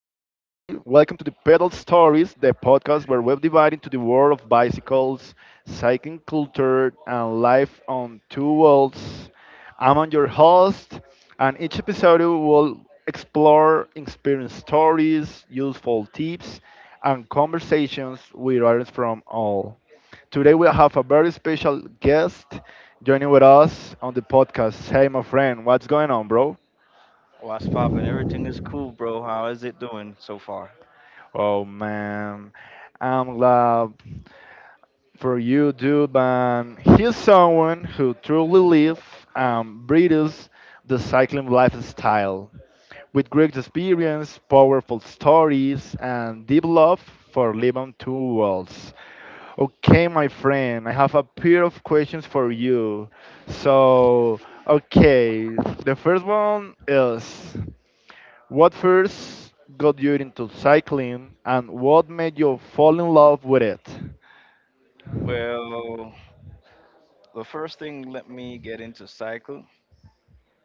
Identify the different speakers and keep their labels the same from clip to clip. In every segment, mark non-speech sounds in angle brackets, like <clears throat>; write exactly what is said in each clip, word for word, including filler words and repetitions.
Speaker 1: to the Pedal Stories, the podcast where we're divided into the world of bicycles, cycling culture, and life on two wheels. I'm on your host, and each episode will explore experience stories, useful tips, and conversations with others from all. Today we have a very special guest joining with us on the podcast. Hey, my friend, what's going on, bro?
Speaker 2: What's poppin'? Everything is cool, bro. How is it doing so far?
Speaker 1: Oh man, I'm glad for you, dude. Man, he's someone who truly lives and breathes the cycling lifestyle with great experience, powerful stories, and deep love for living two worlds. Okay, my friend, I have a pair of questions for you. So, okay, the first one is. What first got you into cycling and what made you fall in love with it?
Speaker 2: Well, the first thing let me get into cycle,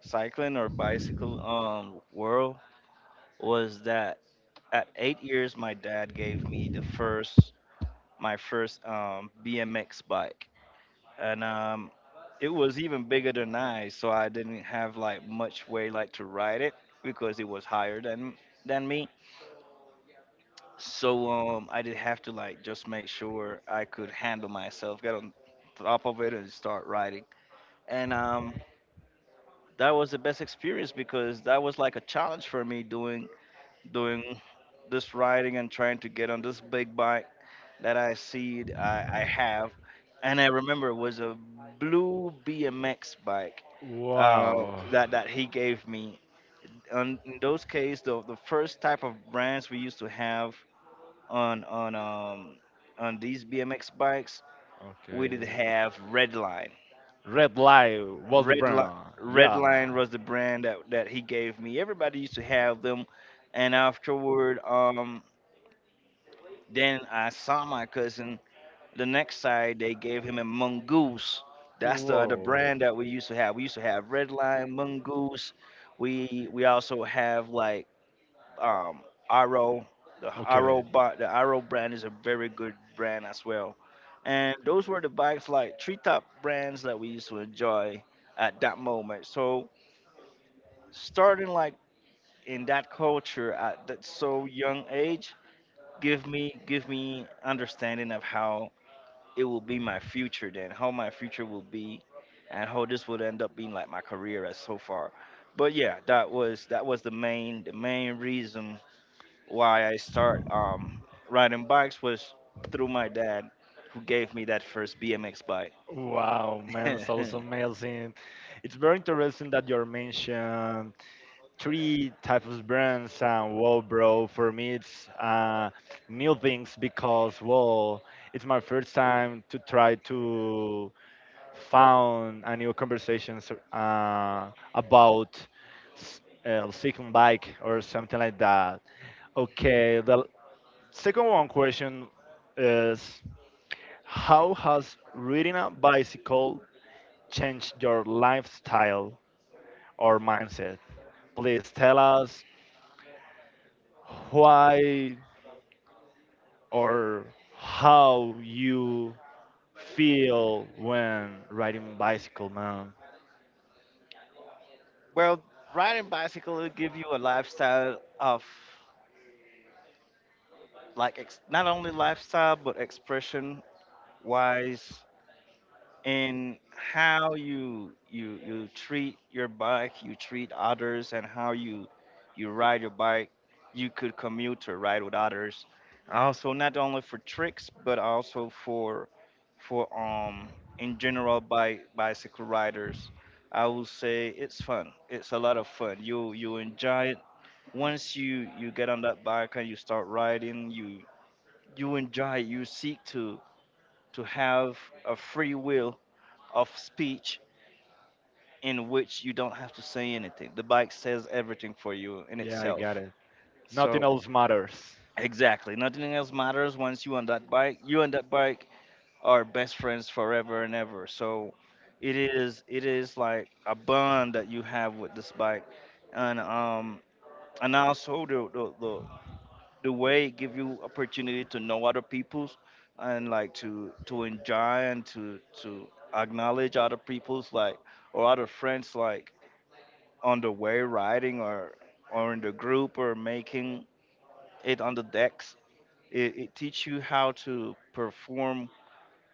Speaker 2: cycling or bicycle um world was that at eight years my dad gave me the first my first um B M X bike, and um it was even bigger than I, so I didn't have like much way like to ride it because it was higher than than me. So um, I did have to like just make sure I could handle myself, get on top of it, and start writing. And um, that was the best experience because that was like a challenge for me doing doing this writing and trying to get on this big bike that I see I, I have. And I remember it was a blue B M X bike, uh,
Speaker 1: Wow.
Speaker 2: that that he gave me. And in those cases, the the first type of brands we used to have on on um on these B M X bikes, we did
Speaker 1: Okay.
Speaker 2: have Redline.
Speaker 1: Red Light was the
Speaker 2: Redline
Speaker 1: brand. Yeah.
Speaker 2: Redline was the brand that that he gave me. Everybody used to have them, and afterward, um, then I saw my cousin. The next side, they gave him a Mongoose. That's the other
Speaker 1: Whoa.
Speaker 2: brand that we used to have. We used to have Redline, Mongoose. We we also have like um, Aro. The Aro
Speaker 1: Okay.
Speaker 2: bot, the Aro brand is a very good brand as well. And those were the bikes like treetop brands that we used to enjoy at that moment. So starting like in that culture at that so young age, give me give me understanding of how it will be my future then, how my future will be, and how this would end up being like my career as so far. But yeah, that was that was the main the main reason why I start um, riding bikes was through my dad, who gave me that first B M X bike.
Speaker 1: Wow, man, so amazing. It's very interesting that you mentioned three types of brands, and well, bro, for me it's uh, new things, because well, it's my first time to try to found a new conversation. So, uh, about s- uh, second bike or something like that. Okay, the second one question is how has riding a bicycle changed your lifestyle or mindset? Please tell us why or how you feel when riding bicycle, man.
Speaker 2: <laughs> Well, riding bicycle will give you a lifestyle of like ex- not only lifestyle but expression wise in how you you you treat your bike, you treat others, and how you you ride your bike. You could commute or ride with others. Also, not only for tricks, but also for for um in general by bicycle riders. I will say it's fun. It's a lot of fun. You you enjoy it once you you get on that bike and you start riding. You you enjoy it. You seek to to have a free will of speech in which you don't have to say anything. The bike says everything for you in
Speaker 1: Yeah, I
Speaker 2: itself.
Speaker 1: got it. Nothing
Speaker 2: So
Speaker 1: else matters.
Speaker 2: exactly, nothing else matters once you on that bike. You and that bike are best friends forever and ever. So it is it is like a bond that you have with this bike, and um and also the the the, the way it give you opportunity to know other people's and like to to enjoy and to to acknowledge other people's like or other friends like on the way riding or or in the group or making it on the decks. It, it teach you how to perform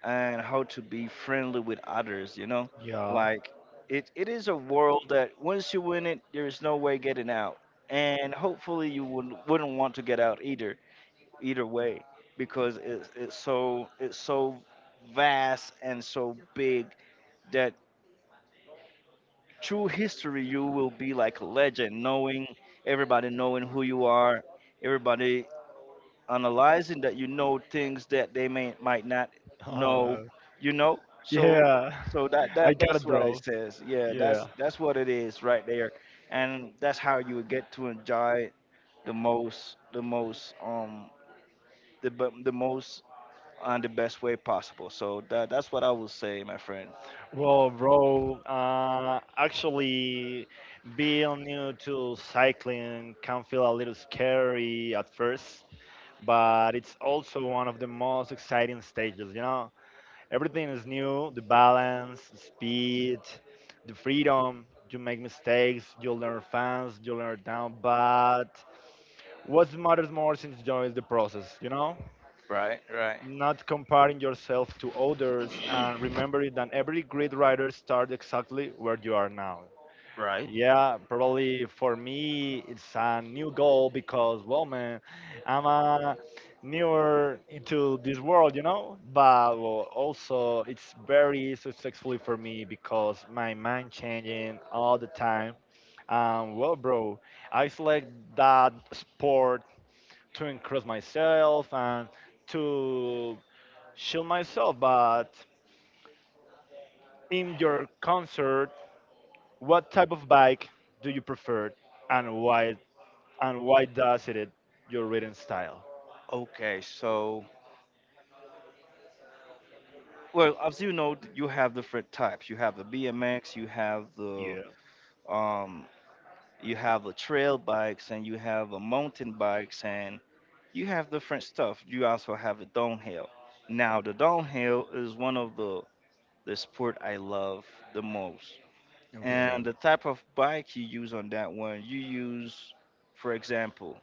Speaker 2: and how to be friendly with others. You know,
Speaker 1: Yeah.
Speaker 2: like it it is a world that once you win it, there is no way getting out. And hopefully you wouldn't wouldn't want to get out either, either way because it's it's so it's so vast and so big that through history you will be like a legend, knowing everybody, knowing who you are, everybody analyzing that you know things that they may might not know,
Speaker 1: Uh,
Speaker 2: you know. So
Speaker 1: yeah,
Speaker 2: so that
Speaker 1: <laughs> I
Speaker 2: that
Speaker 1: got
Speaker 2: that's
Speaker 1: it,
Speaker 2: what i
Speaker 1: bro.
Speaker 2: says yeah
Speaker 1: Yeah.
Speaker 2: that's that's what it is right there. And that's how you get to enjoy the most the most um the b- the most and the best way possible. So that that's what I will say, my friend.
Speaker 1: Well, bro, uh, actually, being new to cycling can feel a little scary at first, but it's also one of the most exciting stages, you know? Everything is new: the balance, speed, the freedom. You make mistakes, you learn fast, you learn down, but what matters more is enjoying the process, you know?
Speaker 2: Right. Right.
Speaker 1: Not comparing yourself to others, and remembering that every great writer starts exactly where you are now.
Speaker 2: Right.
Speaker 1: Yeah, probably for me it's a new goal, because well, man, I'm uh, newer into this world, you know, but well, also it's very successfully for me because my mind changing all the time. Um, well, bro, I select that sport to increase myself and to shield myself, but in your concert, what type of bike do you prefer and why? And why does it your written style?
Speaker 2: Okay, so well, as you know, you have different types. You have the B M X, you have the
Speaker 1: Yeah.
Speaker 2: um, you have the trail bikes, and you have the mountain bikes, and you have different stuff. You also have the downhill. Now, the downhill is one of the the sport I love the most, and
Speaker 1: Okay.
Speaker 2: the type of bike you use on that one, you use, for example,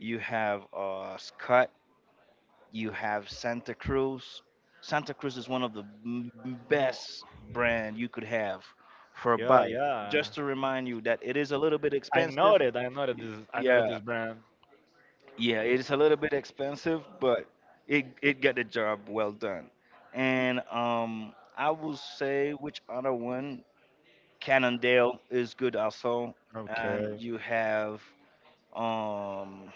Speaker 2: you have a uh, you have Santa Cruz. Santa Cruz is one of the m- best brand you could have for a
Speaker 1: Yeah,
Speaker 2: bike.
Speaker 1: yeah.
Speaker 2: Just to remind you that it is a little bit
Speaker 1: I
Speaker 2: expensive.
Speaker 1: noted, I noted
Speaker 2: Y-
Speaker 1: this, I noted
Speaker 2: Yeah,
Speaker 1: this brand.
Speaker 2: yeah, it is a little bit expensive, but it it got the job well done. And um, I will say, which other one? Cannondale is good also, and
Speaker 1: Okay.
Speaker 2: you have um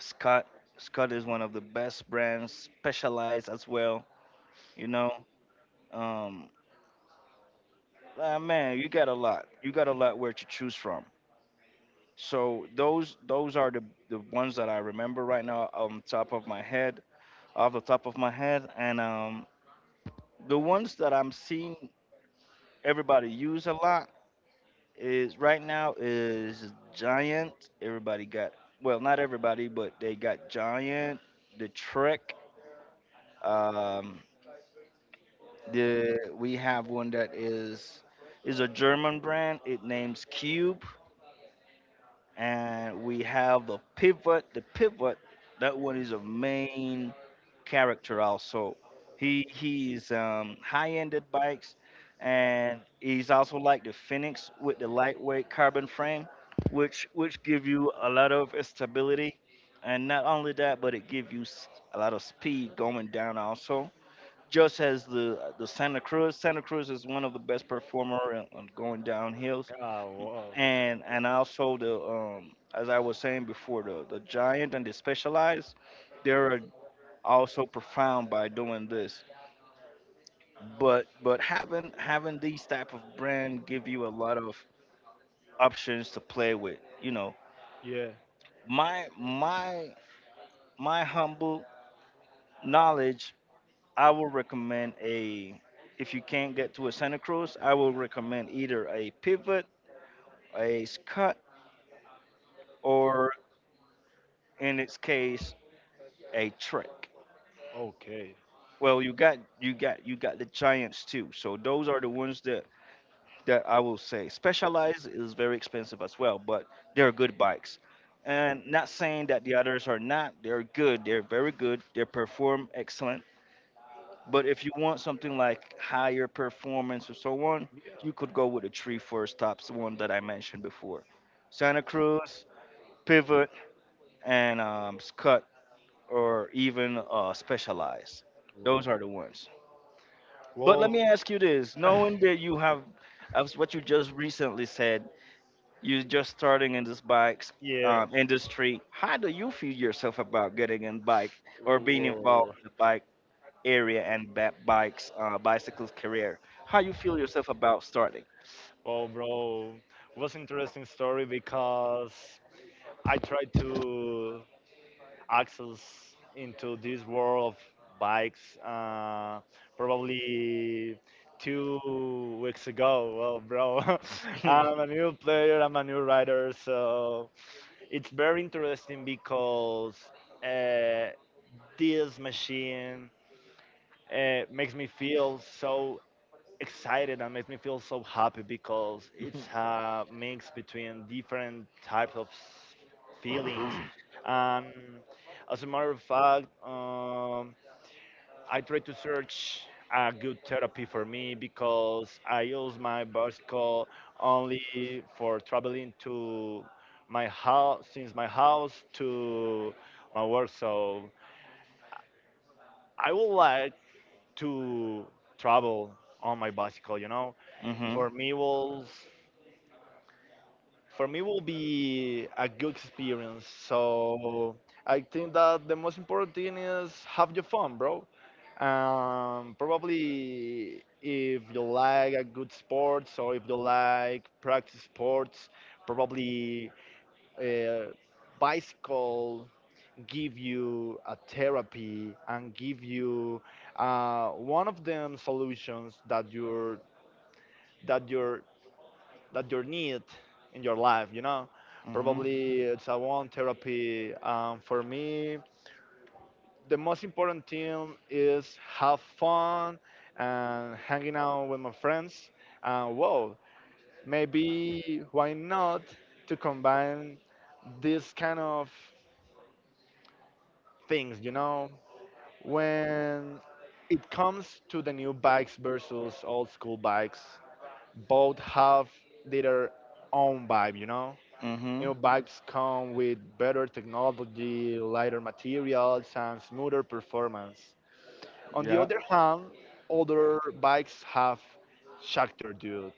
Speaker 2: Scott. Scott is one of the best brands, specialized as well. You know, um ah, man, you got a lot you got a lot where to choose from. So those those are the the ones that I remember right now on top of my head, off the top of my head. And um the ones that I'm seeing everybody use a lot is right now is giant. Everybody got, well, not everybody, but they got giant, the Trek. Um the We have one that is is a german brand, it names cube. And we have the pivot. The pivot, that one is a main character also. He he's um, high-ended bikes, and he's also like the Phoenix with the lightweight carbon frame, which which give you a lot of stability, and not only that, but it give you s- a lot of speed going down also. Just as the the Santa Cruz, Santa Cruz is one of the best performer on on going downhill.
Speaker 1: Ah, wow.
Speaker 2: and and also the um, as I was saying before, the the giant and the specialized, they're also profound by doing this. But but having having these type of brand give you a lot of options to play with. You know,
Speaker 1: Yeah.
Speaker 2: my my my humble knowledge, I will recommend a. If you can't get to a Santa Cruz, I will recommend either a pivot, a scut, or in its case, a trick.
Speaker 1: Okay.
Speaker 2: Well, you got you got you got the giants too. So those are the ones that that I will say. Specialized is very expensive as well, but they're good bikes. And not saying that the others are not. They're good. They're very good. They perform excellent. But if you want something like higher performance or so on, you could go with the three first tops one that I mentioned before. Santa Cruz, Pivot, and um, Scut, or even uh, Specialized. Those are
Speaker 1: Wow.
Speaker 2: the ones. But let
Speaker 1: Well,
Speaker 2: me ask you this:
Speaker 1: <laughs>
Speaker 2: knowing that you have, as what you just recently said, you're just starting in this bikes
Speaker 1: yeah.
Speaker 2: um, industry. How do you feel yourself about getting in bike or being involved
Speaker 1: Whoa.
Speaker 2: in the bike area and ba- bikes, uh, bicycles career? How you feel yourself about starting?
Speaker 1: Well, bro, it was interesting story because I tried to access into this world of bikes uh, probably two weeks ago. Well, bro,
Speaker 2: <laughs>
Speaker 1: <laughs>
Speaker 2: Mhm.
Speaker 1: I'm a new player, I'm a new rider, so it's very interesting because uh, this machine uh, makes me feel so excited and makes me feel so happy because it's a mix between different types of s- feelings. And as a matter of fact, um, I try to search a good therapy for me because I use my bicycle only for traveling to my house, since my house to my work. So I would like to travel on my bicycle, you know, for me was, for me will be a good experience. So I think that the most important thing is have your fun, bro. Um, probably if you like a good sports or if you like practice sports, probably uh, bicycle give you a therapy and give you uh, one of them solutions that your, that your, that you need in your life, you know,
Speaker 2: Mhm.
Speaker 1: probably it's a one therapy um, for me. The most important thing is have fun and hanging out with my friends, and whoa, maybe why not to combine these kind of things, you know? When it comes to the new bikes versus old school bikes, both have their own vibe, you know. New
Speaker 2: Mhm.
Speaker 1: bikes come with better technology, lighter materials, and smoother performance. On the
Speaker 2: Yeah.
Speaker 1: other hand, older bikes have character, dude.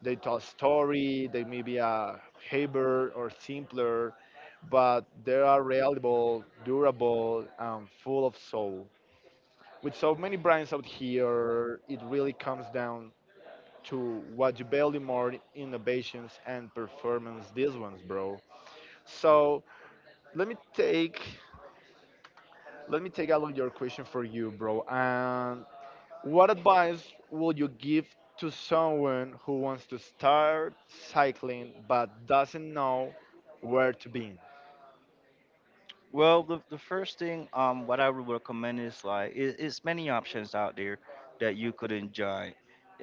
Speaker 1: They tell a story, they may be a heavier or simpler, but they are reliable, durable, and full of soul. With so many brands out here, it really comes down to what you value more innovations and performance these ones, bro. So let me take let me take a look your question for you, bro. And what advice will you give to someone who wants to start cycling but doesn't know where to begin?
Speaker 2: Well, the, the first thing um what I would recommend is like it, it's many options out there that you could enjoy,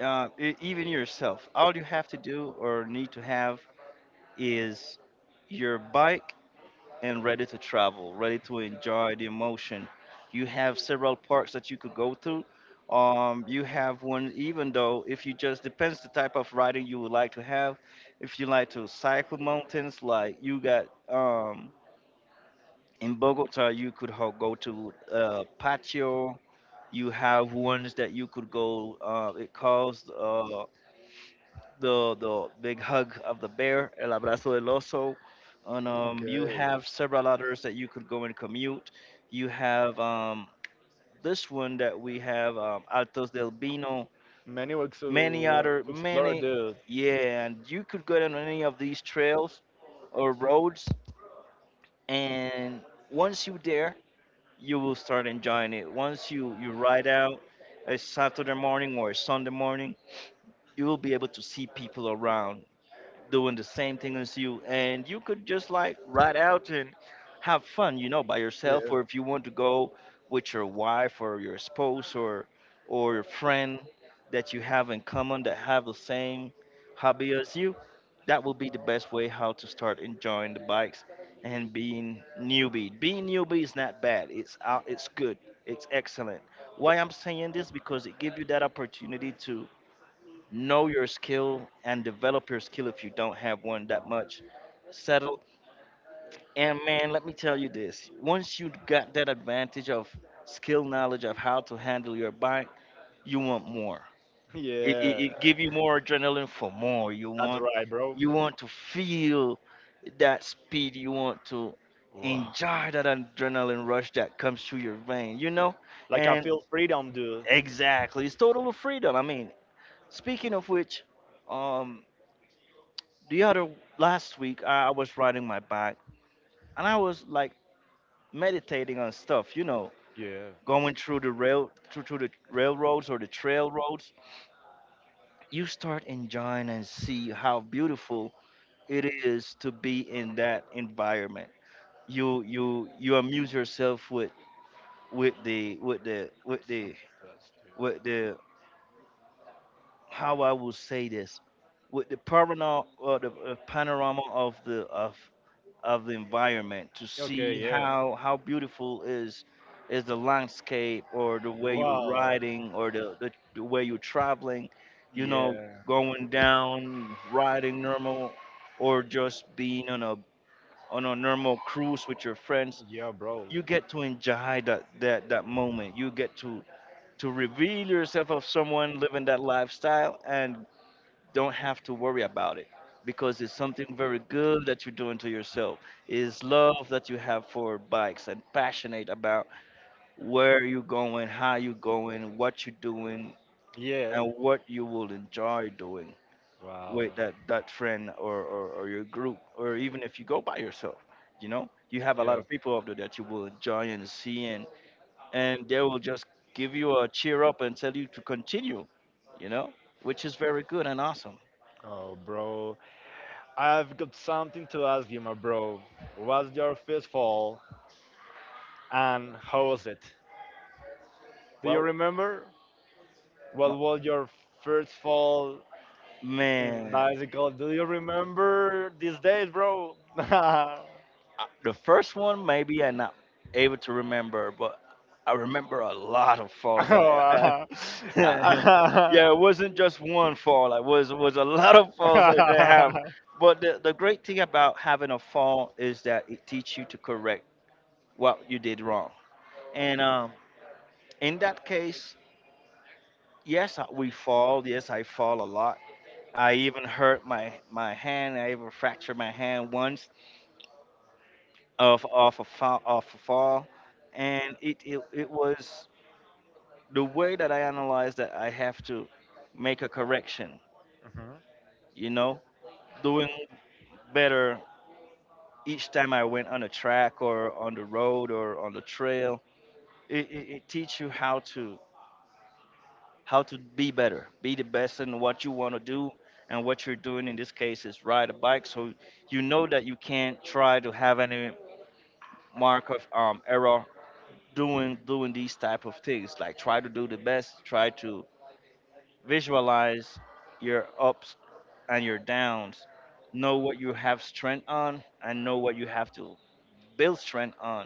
Speaker 2: uh, e- even yourself. All you have to do or need to have is your bike and ready to travel, ready to enjoy the emotion. You have several parks that you could go to. Um, you have one even though if you just depends the type of riding you would like to have. If you like to cycle mountains, like you got um in Bogota, you could ho- go to uh, patio. You have ones that you could go. Uh, it calls uh, the the big hug of the bear, el abrazo del oso, and um, you
Speaker 1: Okay.
Speaker 2: have several others that you could go and commute. You have um, this one that we have um, Altos del Vino,
Speaker 1: Many ways
Speaker 2: many
Speaker 1: to
Speaker 2: other
Speaker 1: explore,
Speaker 2: many,
Speaker 1: dude.
Speaker 2: yeah. And you could go down any of these trails or roads, and once you there, you will start enjoying it. Once you, you ride out a Saturday morning or a Sunday morning, you will be able to see people around doing the same thing as you, and you could just like ride out and have fun, you know, by
Speaker 1: Yeah.
Speaker 2: yourself,
Speaker 1: <laughs>
Speaker 2: or if you want to go with your wife or your spouse or or your friend that you have in common that have the same hobby as you, that will be the best way how to start enjoying the bikes. And being newbie, being newbie is not bad, it's out, it's good, it's excellent. Why I'm saying this? Because it gives you that opportunity to know your skill and develop your skill if you don't have one that much settled. And man, let me tell you this, once you got that advantage of skill knowledge of how to handle your bike, you want more. It, it,
Speaker 1: Yeah,
Speaker 2: it give you more adrenaline for more. You
Speaker 1: that's
Speaker 2: want
Speaker 1: right, bro.
Speaker 2: you want to feel that speed. You want to
Speaker 1: Wow.
Speaker 2: enjoy that adrenaline rush that comes through your vein. You know,
Speaker 1: Like I
Speaker 2: and
Speaker 1: feel freedom, dude.
Speaker 2: exactly, it's total freedom. I mean, speaking of which, um. the other last week I, I was riding my bike and I was like meditating on stuff, you know,
Speaker 1: Yeah,
Speaker 2: going through the rail through, through the railroads or the trail roads. You start enjoying and see how beautiful it is to be in that environment. You you you amuse yourself with with the with the with
Speaker 1: that's
Speaker 2: the
Speaker 1: something that's do.
Speaker 2: with the how I will say this, with the panorama, or the uh, panorama of the of of the environment, to see
Speaker 1: Okay, yeah.
Speaker 2: how how beautiful is is the landscape, or the way you're
Speaker 1: Wow.
Speaker 2: riding, or the, the, the way you're traveling, you know,
Speaker 1: Yeah.
Speaker 2: going down riding normal, or just being on a on a normal cruise with your friends.
Speaker 1: Yeah, bro.
Speaker 2: You get to enjoy that that, that moment, you get to to reveal yourself of someone living that lifestyle, and don't have to worry about it, because it's something very good that you're doing to yourself. It's love that you have for bikes, and passionate about where you're going, how you're going, what you're doing,
Speaker 1: Yeah.
Speaker 2: and what you will enjoy doing
Speaker 1: Wow.
Speaker 2: with that, that friend, or, or, or your group, or even if you go by yourself. You know, you have a lot
Speaker 1: Yeah.
Speaker 2: of people out there that you will enjoy and see, and, and they will just give you a cheer up and tell you to continue, you know, which is very good and awesome.
Speaker 1: Oh, bro. I've got something to ask you, my bro. What's your first fall and how was it? Do you
Speaker 2: Well,
Speaker 1: remember? What was your first fall in
Speaker 2: man,
Speaker 1: bicycle? Do you remember these days, bro? <laughs> Yeah. <laughs>
Speaker 2: uh, the first one maybe I'm not able to remember, but I remember a lot of falls that I have. <laughs> Yeah, it
Speaker 1: <laughs>
Speaker 2: wasn't just one fall. It was was a lot of falls that I have. But the, the great thing about having a fall is that it teaches you to correct what you did wrong. And um, in that case, yes, I- we fall. Yes, I fall a lot. I even hurt my my hand. I even fractured my hand once of of a fall, of a fall, and it, it it was the way that I analyzed that I have to make a correction.
Speaker 1: Mhm.
Speaker 2: You know, doing better each time I went on a track, or on the road, or on the trail. It, it, it teach you how to how to be better, be the best in what you want to do. And what you're doing in this case is ride a bike, so you know that you can't try to have any mark of um, error, doing doing these type of things, like try to do the best, try to visualize your ups and your downs, know what you have strength on, and know what you have to build strength on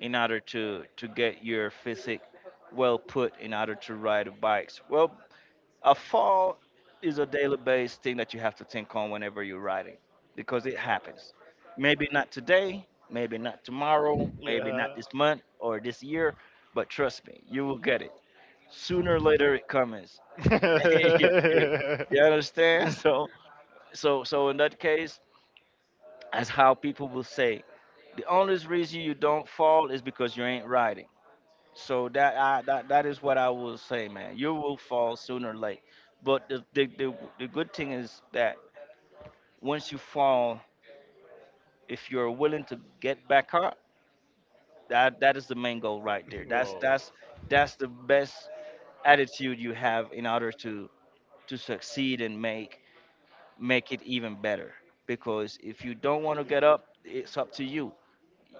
Speaker 2: in order to to get your physique well put in order to ride bikes well. A fall is a daily based thing that you have to think on whenever you're riding, because it happens. Maybe not today, maybe not tomorrow, maybe not
Speaker 1: Yeah.
Speaker 2: this month or this year, but trust me, you will get it. Sooner or later it comes. <laughs> Yeah, you
Speaker 1: <laughs>
Speaker 2: understand? So so so in that case, that's how people will say: the only reason you don't fall is because you ain't riding. So that I that, that is what I will say, man. You will fall sooner or late. But the, the the the good thing is that once you fall, if you're willing to get back up, that that is the main goal right there. That's
Speaker 1: Whoa.
Speaker 2: that's that's the best attitude you have in order to to succeed and make make it even better. Because if you don't want to get up, it's up to you.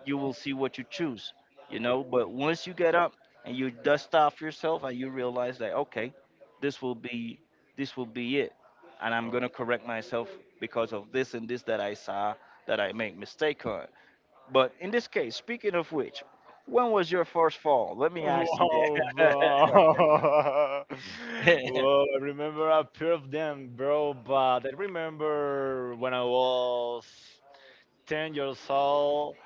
Speaker 2: You will see what you choose, you know. But once you get up and you dust off yourself and you realize that okay, this will be this will be it, and I'm gonna correct myself because of this and this that I saw, that I make mistake on. But in this case, speaking of which, when was your first fall? Let me ask you
Speaker 1: Wow,
Speaker 2: that.
Speaker 1: bro. <laughs> Well,
Speaker 2: <laughs>
Speaker 1: I remember a pair of them, bro, but I remember when I was ten years old.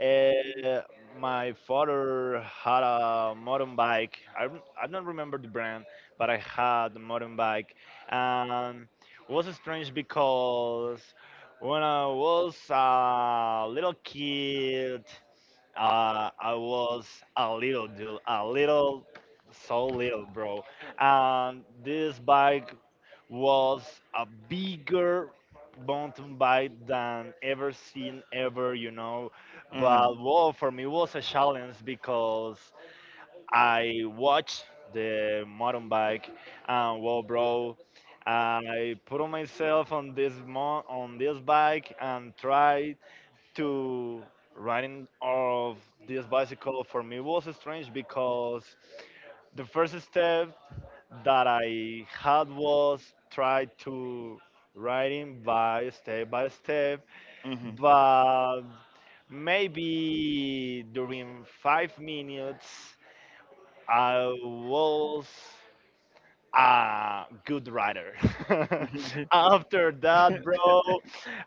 Speaker 1: Uh, my father had a mountain bike. I, rem- I don't remember the brand, but I had a mountain bike. And it was strange because when I was a little kid, uh, I was a little dude, a little, so little, bro. And this bike was a bigger mountain bike than ever seen ever, you know.
Speaker 2: Hmm.
Speaker 1: But well, for me it was a challenge because I watched the mountain bike, and well, bro, I put on myself on this mo- on this bike and tried to riding of this bicycle. For me was strange because the first step that I had was try to writing by step by step, but maybe during five minutes I was a good writer. <laughs>
Speaker 2: Hmm.
Speaker 1: After that, bro,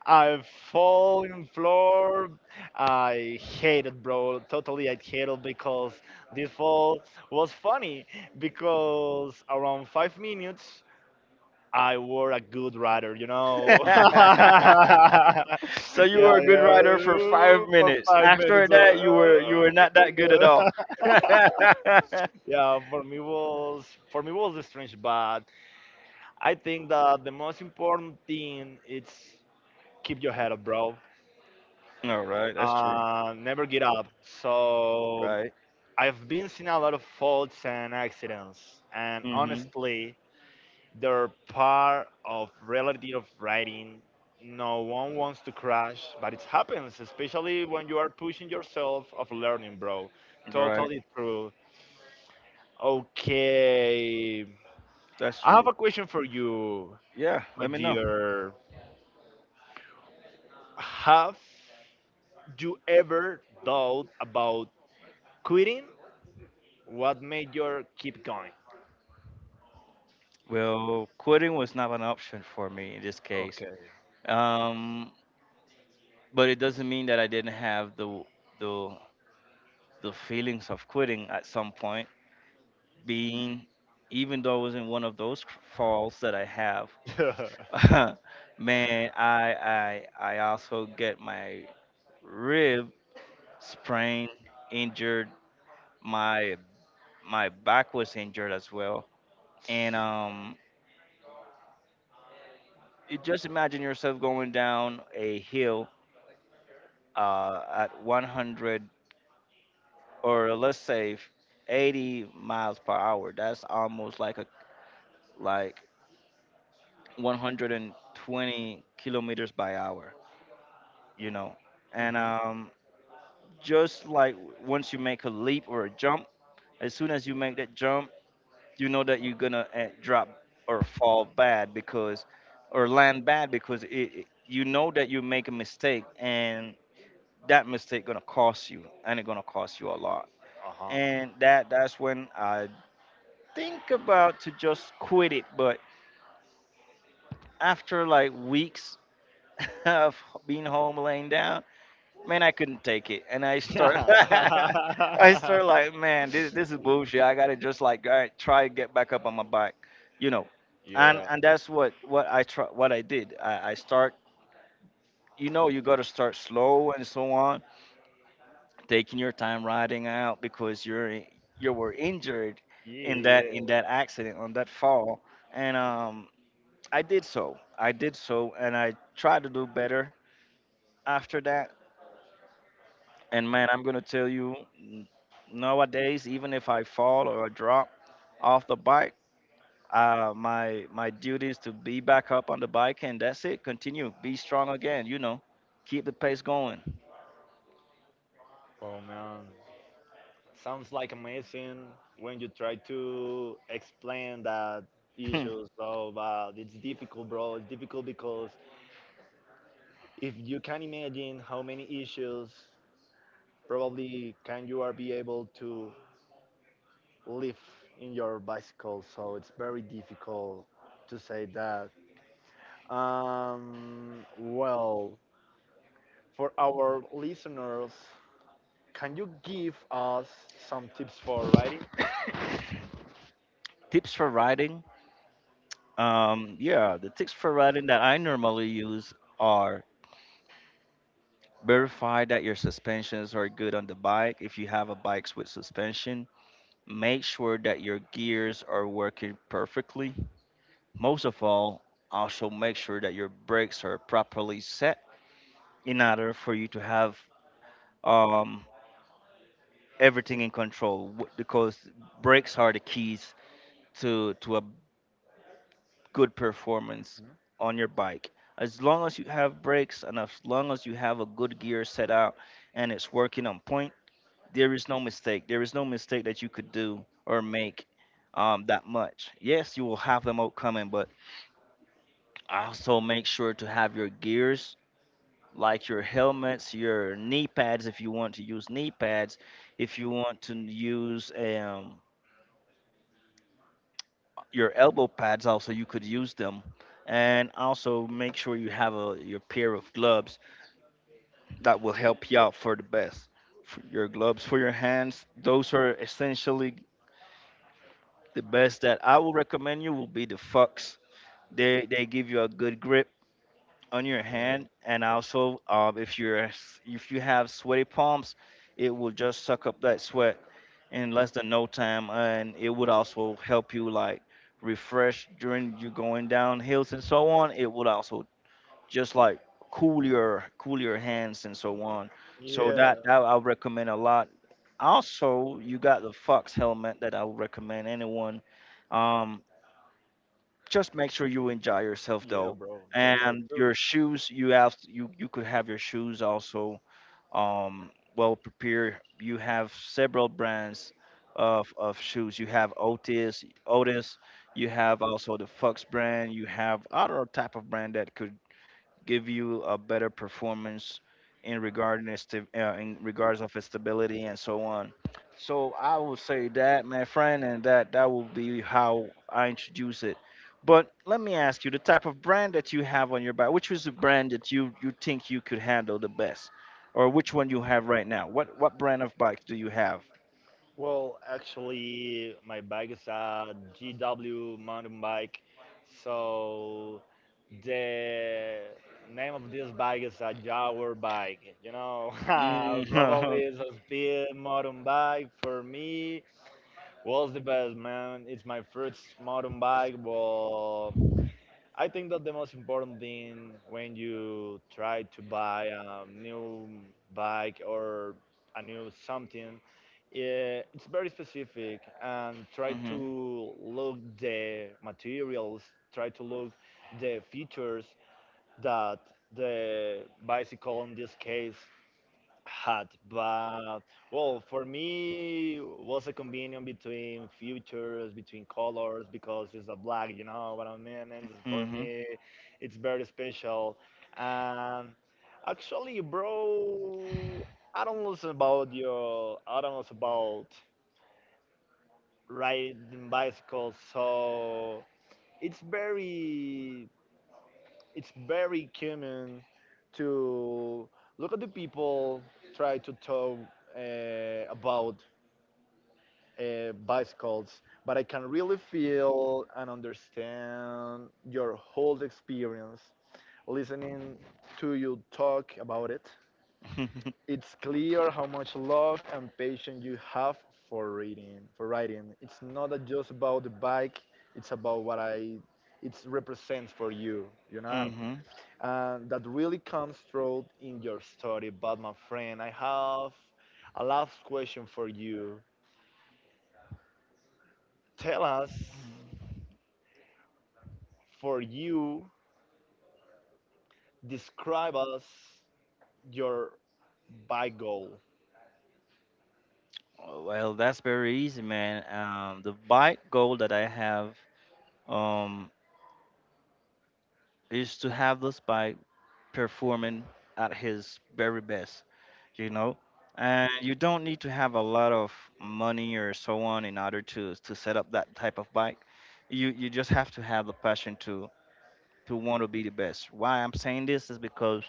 Speaker 1: I fall in floor. I hated, bro. Totally, I hated because this fall was funny because around five minutes I were a good rider, you know. <laughs> Yeah,
Speaker 2: <laughs> So you were a good
Speaker 1: yeah.
Speaker 2: rider for five
Speaker 1: For
Speaker 2: minutes.
Speaker 1: five
Speaker 2: After
Speaker 1: minutes.
Speaker 2: that, you were
Speaker 1: uh,
Speaker 2: you were not that good at all.
Speaker 1: yeah.
Speaker 2: <laughs>
Speaker 1: <laughs> Yeah, for me was, for me was strange, but I think that the most important thing is keep your head up, bro.
Speaker 2: All right, that's true.
Speaker 1: Uh, never get up. So
Speaker 2: Right.
Speaker 1: I've been seeing a lot of faults and accidents, and
Speaker 2: Mhm.
Speaker 1: honestly, they're part of reality of writing. No one wants to crash, but it happens, especially when you are pushing yourself of learning, bro.
Speaker 2: Right.
Speaker 1: Totally true. Okay.
Speaker 2: That's
Speaker 1: I have
Speaker 2: true.
Speaker 1: a question for you,
Speaker 2: Yeah.
Speaker 1: my
Speaker 2: Let me know.
Speaker 1: dear. Have you ever thought about quitting? What made you keep going?
Speaker 2: Well, quitting was not an option for me in this case.
Speaker 1: Okay.
Speaker 2: Um, but it doesn't mean that I didn't have the the the feelings of quitting at some point. Being, even though it wasn't one of those falls that I have.
Speaker 1: <laughs> Hmm.
Speaker 2: <laughs> Man, I I I also get my rib sprained, injured. My my back was injured as well. And um, you just imagine yourself going down a hill uh, at one hundred, or let's say f- eighty miles per hour. That's almost like a like one hundred twenty kilometers by hour, you know. And um, just like, once you make a leap or a jump, as soon as you make that jump, you know that you're gonna uh, drop or fall bad because, or land bad because, it, it- you know that you make a mistake, and that mistake gonna cost you, and it gonna cost you a lot.
Speaker 1: Uh
Speaker 2: And that that's when I think about to just quit it. But after like weeks <laughs> of being home laying down, man, I couldn't take it, and I start, <laughs> I
Speaker 1: huh.
Speaker 2: start like, man, this this is bullshit. I gotta just like, all right, try and get back up on my bike, you know,
Speaker 1: <laughs>
Speaker 2: and
Speaker 1: Yeah.
Speaker 2: and that's what what I try, what I did. I, I start, you know, you gotta start slow and so on, taking your time riding out because you're you were injured
Speaker 1: Yeah,
Speaker 2: in that in
Speaker 1: yeah.
Speaker 2: that accident on that fall, and um, I did so, I did so, and I tried to do better after that. And man, I'm gonna tell you, n- nowadays, even if I fall or I drop off the bike, uh, my my duty is to be back up on the bike, and that's it. Continue, be strong again. You know, keep the pace going.
Speaker 1: Oh man, sounds like amazing when you try to explain that issue.
Speaker 2: <laughs>
Speaker 1: So, but it's difficult, bro. It's difficult because if you can imagine how many issues probably can you are be able to live in your bicycle. So it's very difficult to say that. Um, well, for our listeners, can you give us some tips for riding?
Speaker 2: <clears throat> Tips for riding? Um, yeah, the tips for riding that I normally use are, verify that your suspensions are good on the bike. If you have a bike with suspension, make sure that your gears are working perfectly. Most of all, also make sure that your brakes are properly set, in order for you to have um, everything in control, w- because brakes are the keys to, to a good performance on your bike. As long as you have brakes, and as long as you have a good gear set out and it's working on point, there is no mistake. There is no mistake that you could do or make, um, that much. Yes, you will have them out coming, but also make sure to have your gears, like your helmets, your knee pads if you want to use knee pads. If you want to use um, your elbow pads, also you could use them. And also make sure you have a your pair of gloves that will help you out for the best. For your gloves for your hands, those are essentially the best that I will recommend; you will be the Fox. They they give you a good grip on your
Speaker 1: Okay.
Speaker 2: hand, and also, um, if you're if you have sweaty palms, it will just suck up that sweat in less than no time, and it would also help you like refresh during you going down hills and so on. It would also just like cool your cool your hands and so on. So
Speaker 1: Yeah.
Speaker 2: that that I would recommend a lot. Also, you got the Fox helmet that I would recommend anyone. um just make sure you enjoy yourself,
Speaker 1: Yeah,
Speaker 2: though.
Speaker 1: bro. Totally
Speaker 2: And
Speaker 1: true.
Speaker 2: your shoes, you have you you could have your shoes also, um, well prepared. You have several brands of, of shoes. You have Otis, Otis. You have also the Fox brand. You have other type of brand that could give you a better performance in regarding its sta- uh, in regards of its stability and so on. So I would say that, my friend, and that that will be how I introduce it. But let me ask you, the type of brand that you have on your bike, which is the brand that you you think you could handle the best, or which one you have right now? What what brand of bike do you have?
Speaker 1: Well, actually, my bike is a G W mountain bike. So the name of this bike is a Jaguar bike, you know. <laughs> Probably
Speaker 2: Mm-hmm. <laughs>
Speaker 1: it's a speed mountain bike for me. Was the best, man. It's my first mountain bike, but I think that the most important thing when you try to buy a new bike or a new something, eh, it's very specific and try
Speaker 2: Mm-hmm.
Speaker 1: to look the materials, try to look the features that the bicycle in this case had. But well, for me was a combination between futures, between colors, because it's a black, you know what I mean, and it's, for me it's very special. And actually, bro, I don't know so about your, I don't know so about riding bicycles, so it's very, it's very common to look at the people, try to talk uh, about uh, bicycles, but I can really feel and understand your whole experience listening to you talk about it.
Speaker 2: Mm-hmm.
Speaker 1: It's clear how much love and patience you have for reading, for writing. It's not just about the bike; it's about what I, it represents for you, you know,
Speaker 2: Mm-hmm.
Speaker 1: and that really comes through in your story. But my friend, I have a last question for you. Tell us,
Speaker 2: <laughs>
Speaker 1: for you, describe us your bike goal.
Speaker 2: Oh. Well, that's very easy, man. Um, the bike goal that I have, um, is to have this bike performing at his very best, you know. And you don't need to have a lot of money or so on in order to to set up that type of bike. You you just have to have the passion to to want to be the best. Why I'm saying this is because,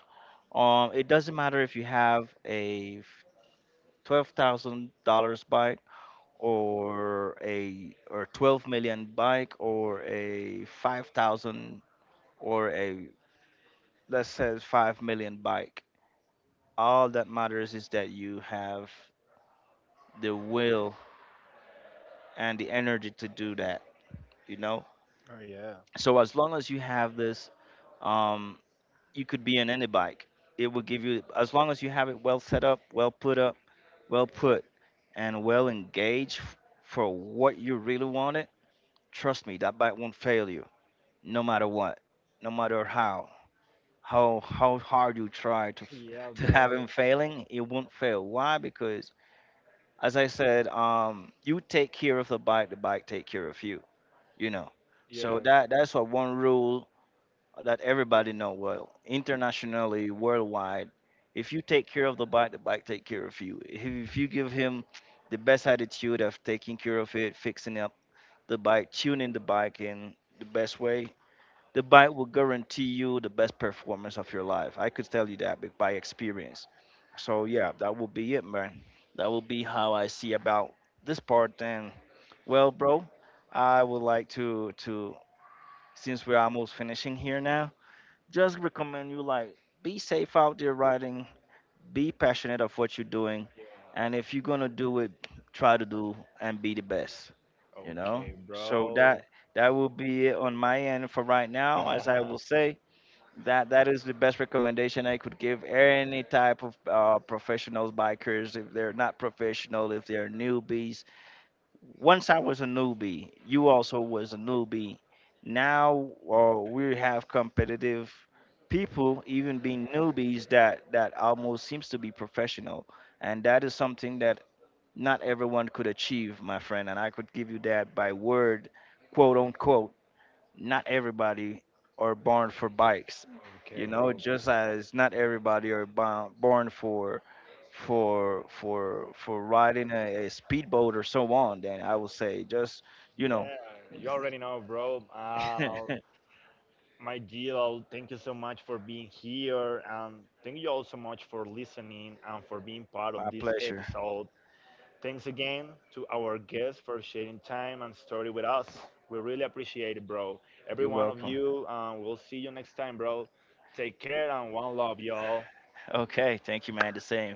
Speaker 2: um, it doesn't matter if you have a twelve thousand dollars bike, or a or twelve million bike, or a five thousand, or a let's say five million bike. All that matters is that you have the will and the energy to do that, you know?
Speaker 1: Oh yeah.
Speaker 2: So as long as you have this, um you could be in any bike. It will give you, as long as you have it well set up, well put up, well put, and well engaged, f- for what you really want it. Trust me, that bike won't fail you, no matter what, no matter how, how how hard you try to f-
Speaker 1: Yeah,
Speaker 2: to have
Speaker 1: bro.
Speaker 2: him failing, it won't fail. Why? Because, as I said, um, you take care of the bike, the bike take care of you.
Speaker 1: Yeah.
Speaker 2: You know,
Speaker 1: Yeah.
Speaker 2: so that that's what, one rule that everybody know well internationally, worldwide. If you take care of the bike, the bike take care of you. If, if you give him the best attitude of taking care of it, fixing up the bike, tuning the bike in the best way, the bike will guarantee you the best performance of your life. I could tell you that be- by experience. So yeah, that will be it, man. That will be how I see about this part. And well, bro, I would like to to, since we're almost finishing here now, just recommend you, like, be safe out there riding, be passionate of what you're doing, and if you're gonna do it, try to do and be the best. You
Speaker 1: Okay,
Speaker 2: know. So
Speaker 1: bro.
Speaker 2: that that will be it on my end for right now, as I will say.
Speaker 1: <laughs>
Speaker 2: That that is the best recommendation I could give any type of uh, professionals bikers, if they're not professional, if they're newbies. Once I was a newbie, you also was a newbie. Now, uh, we have competitive people, even being newbies that that almost seems to be professional, and that is something that not everyone could achieve, my friend. And I could give you that by word, quote unquote, not everybody are born for bikes,
Speaker 1: Okay,
Speaker 2: you know,
Speaker 1: bro.
Speaker 2: just as not everybody are bo- born for for for for riding a, a speedboat or so on. Then I would say just, you
Speaker 1: Yeah,
Speaker 2: know.
Speaker 1: you already know, bro. Uh,
Speaker 2: <laughs>
Speaker 1: my Gil, thank you so much for being here. And thank you all so much for listening and for being part of
Speaker 2: My
Speaker 1: this
Speaker 2: pleasure.
Speaker 1: episode. Thanks again to our guests for sharing time and story with us. We really appreciate it, bro. Every
Speaker 2: You're
Speaker 1: one of
Speaker 2: welcome.
Speaker 1: you, uh, we'll see you next time, bro. Take care and one love, y'all.
Speaker 2: Okay, thank you, man, the same.